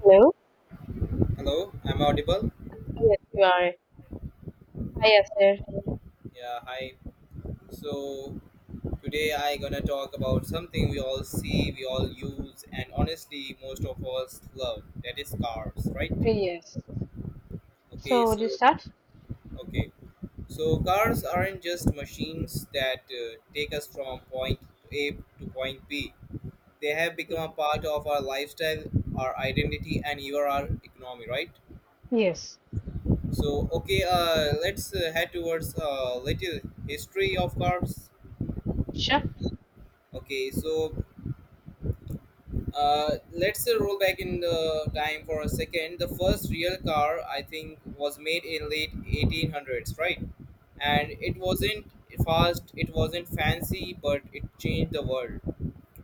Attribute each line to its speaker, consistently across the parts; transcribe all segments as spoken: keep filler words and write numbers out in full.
Speaker 1: Hello?
Speaker 2: Hello, I'm audible.
Speaker 1: Yes, you are. Hi, Esther.
Speaker 2: Yeah, hi. So today I gonna talk about something we all see, we all use, and honestly, most of us love. That is cars, right?
Speaker 1: Yes.
Speaker 2: Okay,
Speaker 1: So, would you
Speaker 2: so
Speaker 1: start?
Speaker 2: okay, so cars aren't just machines that uh, take us from point A to point B. They have become a part of our lifestyle, our identity, and even our economy, right?
Speaker 1: Yes.
Speaker 2: So okay, uh, let's uh, head towards a little history of cars.
Speaker 1: Sure.
Speaker 2: Okay, so Uh, let's uh, roll back in the time for a second. The first real car, I think, was made in late eighteen hundreds, right? And it wasn't fast, it wasn't fancy, but it changed the world.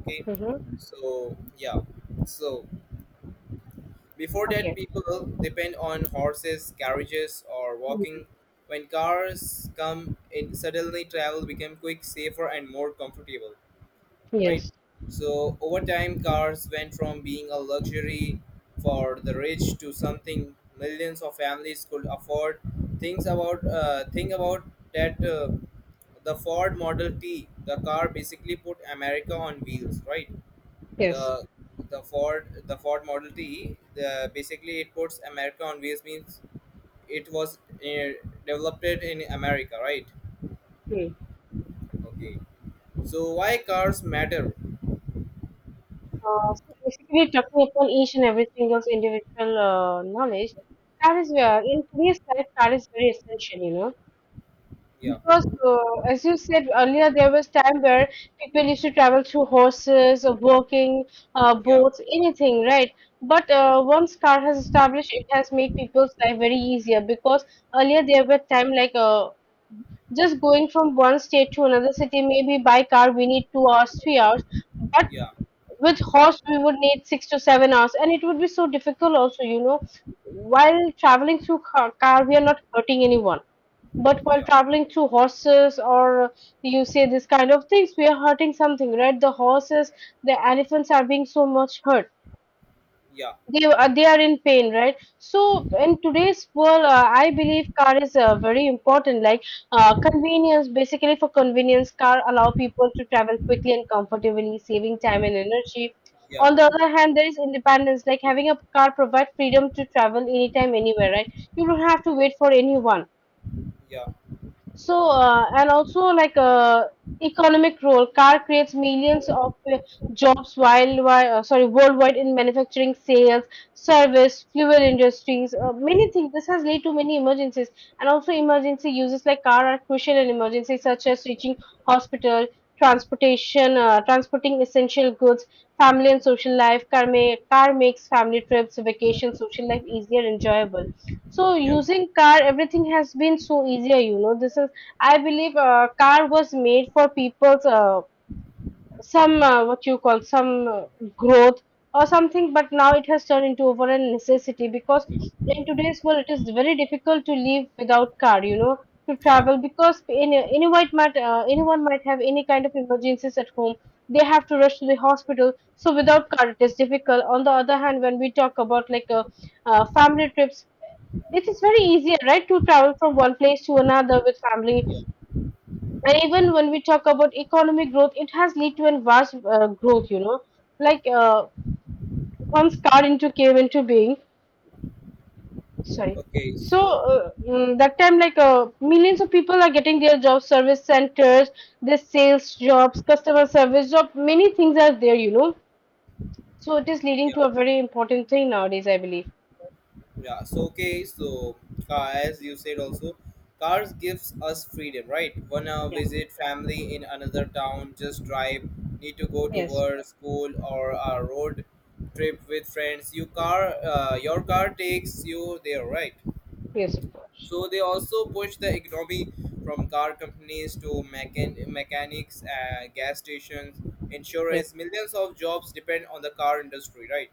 Speaker 2: Okay,
Speaker 1: Mm-hmm.
Speaker 2: so yeah, so Before that,
Speaker 1: Okay.
Speaker 2: people depend on horses, carriages, or
Speaker 1: Mm.
Speaker 2: walking. When cars come in, suddenly travel became quick, safer, and more comfortable, right?
Speaker 1: Yes.
Speaker 2: So over time, cars went from being a luxury for the rich to something millions of families could afford. Things about uh, Think about that uh, the Ford Model T, the car basically put America on wheels, right?
Speaker 1: Yes.
Speaker 2: The the Ford the Ford Model T, the basically it puts America on wheels, means it was uh, developed in America, right?
Speaker 1: Mm.
Speaker 2: Okay. So why cars matter?
Speaker 1: Uh, so basically, talking upon each and every single individual uh, knowledge, that is where in today's life, that is very essential, you know.
Speaker 2: Yeah,
Speaker 1: Because, uh, as you said earlier, there was time where people used to travel through horses, or walking, uh,
Speaker 2: yeah.
Speaker 1: boats, anything, right? But uh, once car has established, it has made people's life very easier because earlier there were time like uh, just going from one state to another city, maybe by car we need two hours, three hours. But
Speaker 2: Yeah,
Speaker 1: with horse, we would need six to seven hours, and it would be so difficult also, you know. While traveling through car, car we are not hurting anyone but while
Speaker 2: yeah,
Speaker 1: traveling through horses or you say this kind of things, we are hurting something, right? The horses, the elephants are being so much hurt.
Speaker 2: yeah,
Speaker 1: They are, they are in pain, right? So in today's world, uh, I believe car is uh, very important. Like uh, convenience, basically for convenience, car allow people to travel quickly and comfortably, saving time and energy.
Speaker 2: yeah,
Speaker 1: On the other hand, there is independence. Like having a car provide freedom to travel anytime, anywhere, right? You don't have to wait for anyone
Speaker 2: yeah,
Speaker 1: so, uh, and also like uh, economic role, car creates millions of uh, jobs while, while uh, sorry worldwide in manufacturing, sales, service, fuel industries, uh, many things. This has led to many emergencies, and also emergency uses like car are crucial in emergencies such as reaching hospital, transportation, uh, transporting essential goods, family and social life. Car may, car makes family trips, vacations, social life easier, enjoyable. So
Speaker 2: yeah,
Speaker 1: using car, everything has been so easier, you know. This is, I believe, uh, car was made for people's uh, some uh, what you call some uh, growth or something, but now it has turned into over a necessity because in today's world it is very difficult to live without car, you know, to
Speaker 2: yeah,
Speaker 1: travel because any, anyone might uh, anyone might have any kind of emergencies at home. They have to rush to the hospital. So without car, it is difficult. On the other hand, when we talk about like a uh, family trips, it is very easier, right, to travel from one place to another with family.
Speaker 2: yeah.
Speaker 1: And even when we talk about economic growth, it has led to a vast uh, growth, you know. Like uh, once car into came into being, sorry.
Speaker 2: Okay,
Speaker 1: So
Speaker 2: so
Speaker 1: uh, mm, that time, like uh, millions of people are getting their job service centers, their sales jobs, customer service job. Many things are there, you know. So it is leading to a
Speaker 2: yeah
Speaker 1: very important thing nowadays, I believe.
Speaker 2: yeah so okay so uh, as you said also, cars gives us freedom, right? Wanna
Speaker 1: Yeah.
Speaker 2: visit family in another town, just drive, need to go to
Speaker 1: Yes.
Speaker 2: work, school, or a road trip with friends, you car uh, your car takes you there, right?
Speaker 1: Yes, of course.
Speaker 2: So they also push the economy, from car companies to mechan- mechanics, uh, gas stations,
Speaker 1: Yes.
Speaker 2: insurance. Millions of jobs depend on the car industry, right?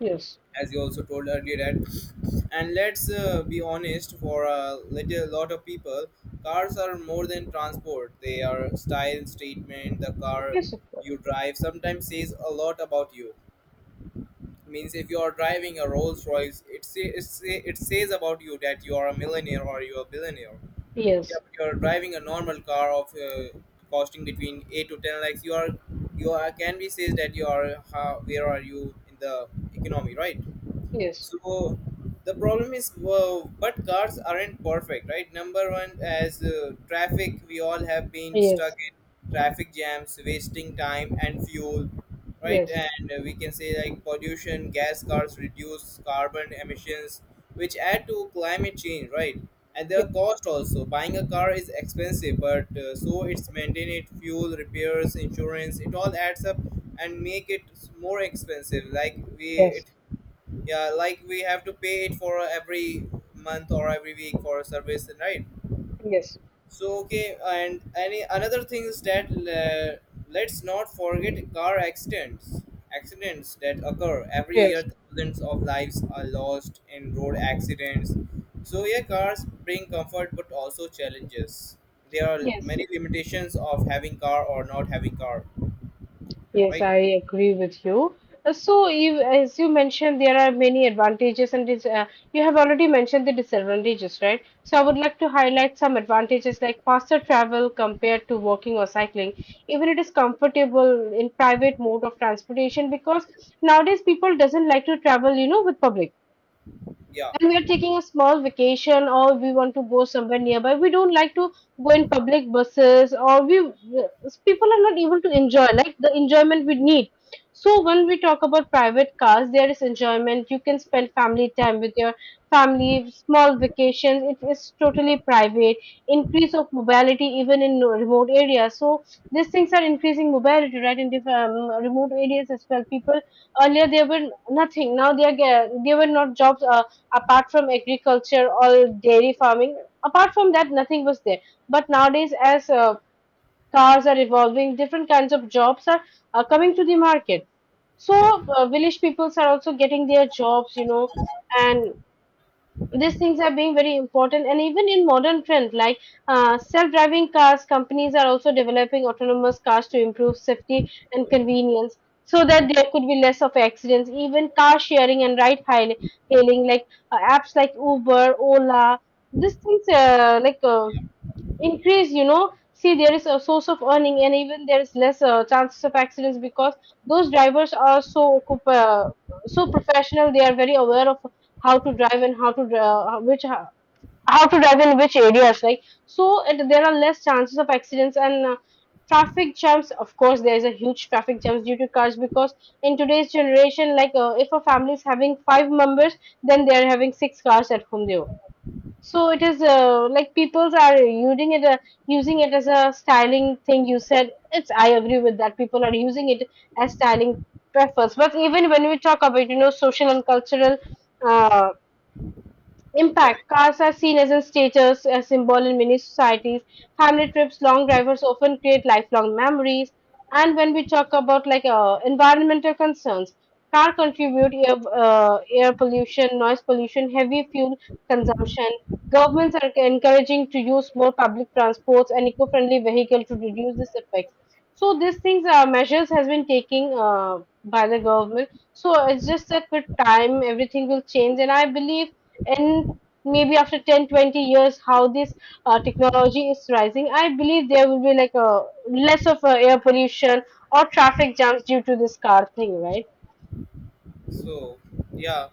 Speaker 1: Yes.
Speaker 2: As you also told earlier that. And let's uh, be honest, for a little lot of people, cars are more than transport. They are style statement. The car
Speaker 1: Yes, of course.
Speaker 2: you drive sometimes says a lot about you. Means if you are driving a Rolls Royce, it say, it say, it says about you that you are a millionaire or you are a billionaire. Yeah,
Speaker 1: Yes.
Speaker 2: but you're driving a normal car of uh, costing between eight to ten lakhs. You are, you are, can be says that you are, how, where are you in the economy, right?
Speaker 1: Yes,
Speaker 2: So the problem is, well, but cars aren't perfect, right? Number one, as uh, traffic, we all have been stuck
Speaker 1: Yes,
Speaker 2: in traffic jams, wasting time and fuel, right?
Speaker 1: yes,
Speaker 2: And uh, we can say like pollution, gas cars reduce carbon emissions, which add to climate change, right? And
Speaker 1: ye-
Speaker 2: their cost also. Buying a car is expensive, but uh, so it's maintenance, fuel, repairs, insurance. It all adds up and make it more expensive. Like we,
Speaker 1: yes,
Speaker 2: it Yeah, like we have to pay it for every month or every week for a service, right?
Speaker 1: yes,
Speaker 2: So okay, and any another thing is that, uh, let's not forget car accidents accidents that occur every year,
Speaker 1: yes,
Speaker 2: thousands of lives are lost in road accidents. So yeah, cars bring comfort but also challenges. There are
Speaker 1: yes,
Speaker 2: many limitations of having car or not having car,
Speaker 1: yes,
Speaker 2: right?
Speaker 1: I agree with you. Uh, So, you, as you mentioned, there are many advantages, and dis uh, you have already mentioned the disadvantages, right? So, I would like to highlight some advantages like faster travel compared to walking or cycling. Even it is comfortable in private mode of transportation because nowadays people doesn't like to travel, you know, with public.
Speaker 2: Yeah,
Speaker 1: When we are taking a small vacation or we want to go somewhere nearby, we don't like to go in public buses or we people are not able to enjoy like the enjoyment we need. So when we talk about private cars, there is enjoyment. You can spend family time with your family, small vacations. It is totally private. Increase of mobility even in remote areas. So these things are increasing mobility, right? In different um, remote areas as well. People earlier there were nothing. Now they are ge- there were not jobs. Uh, apart from agriculture or dairy farming, apart from that nothing was there but nowadays as uh, cars are evolving, different kinds of jobs are, are coming to the market, so
Speaker 2: yeah,
Speaker 1: uh, village peoples are also getting their jobs, you know. And these things are being very important, and even in modern trend like uh, self-driving cars, companies are also developing autonomous cars to improve safety and convenience, so that there could be less of accidents. Even car sharing and ride hail- hailing, like uh, apps like Uber, Ola, these things, uh, like uh, increase, you know. See, there is a source of earning, and even there is less uh, chances of accidents because those drivers are so occup- uh, so professional, they are very aware of how to drive and how to uh, which uh, how to drive in which areas, like. So
Speaker 2: yeah,
Speaker 1: it, there are less chances of accidents. And uh, traffic jams, of course, there is a huge traffic jams due to cars because in today's generation, like uh, if a family is having five members, then they are having six cars at home. They So it is uh, like people are using it, uh, using it as a styling thing. You said it's, I agree with that. People are using it as styling preference. But even when we talk about, you know, social and cultural, uh,
Speaker 2: yeah.
Speaker 1: impact. Cars are seen as a status a symbol in many societies. Family trips, long drivers often create lifelong memories. And when we talk about like uh, environmental concerns, car contribute air, uh, air pollution, noise pollution, heavy fuel consumption. Governments are encouraging to use more public transports and eco-friendly vehicle to reduce this effects. So these things are measures has been taking uh, by the government. So it's just that with time everything will change, and I believe and maybe after ten, twenty years how this uh, technology is rising, I believe there will be like a less of a air pollution or traffic jams due to this car thing, right?
Speaker 2: So, yeah.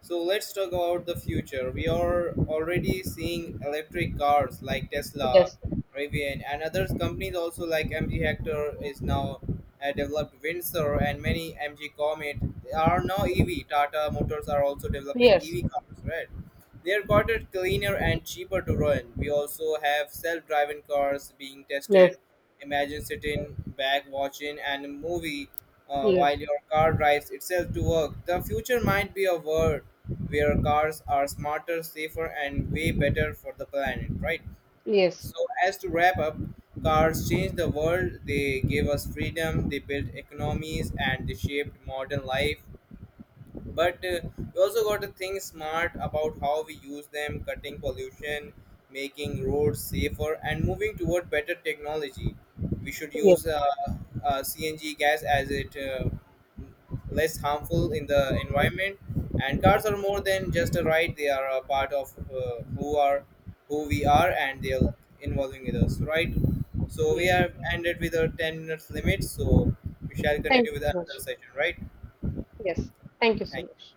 Speaker 2: So let's talk about the future. We are already seeing electric cars like Tesla,
Speaker 1: Yes,
Speaker 2: Rivian, and other companies also like M G Hector is now uh, developed Windsor and many M G Comet are now E V. Tata Motors are also developing
Speaker 1: yes,
Speaker 2: E V cars, right? They're got it cleaner and cheaper to run. We also have self-driving cars being
Speaker 1: yes,
Speaker 2: tested. Imagine sitting back watching and a movie uh,
Speaker 1: yes,
Speaker 2: while your car drives itself to work. The future might be a world where cars are smarter, safer, and way better for the planet, right?
Speaker 1: yes,
Speaker 2: So as to wrap up, cars changed the world. They gave us freedom. They built economies and they shaped modern life, but uh, we also got to think smart about how we use them, cutting pollution, making roads safer and moving toward better technology. We should use uh, uh, C N G gas as it uh, less harmful in the environment. And
Speaker 1: yes,
Speaker 2: cars are more than just a ride, they are a part of uh, who are who we are, and they are involving with us, right? So we
Speaker 1: yes,
Speaker 2: have ended with a ten minutes limit, so we shall
Speaker 1: thank
Speaker 2: continue
Speaker 1: you
Speaker 2: with
Speaker 1: so
Speaker 2: another
Speaker 1: much.
Speaker 2: session, right?
Speaker 1: Yes, thank you so
Speaker 2: Thank you.
Speaker 1: much.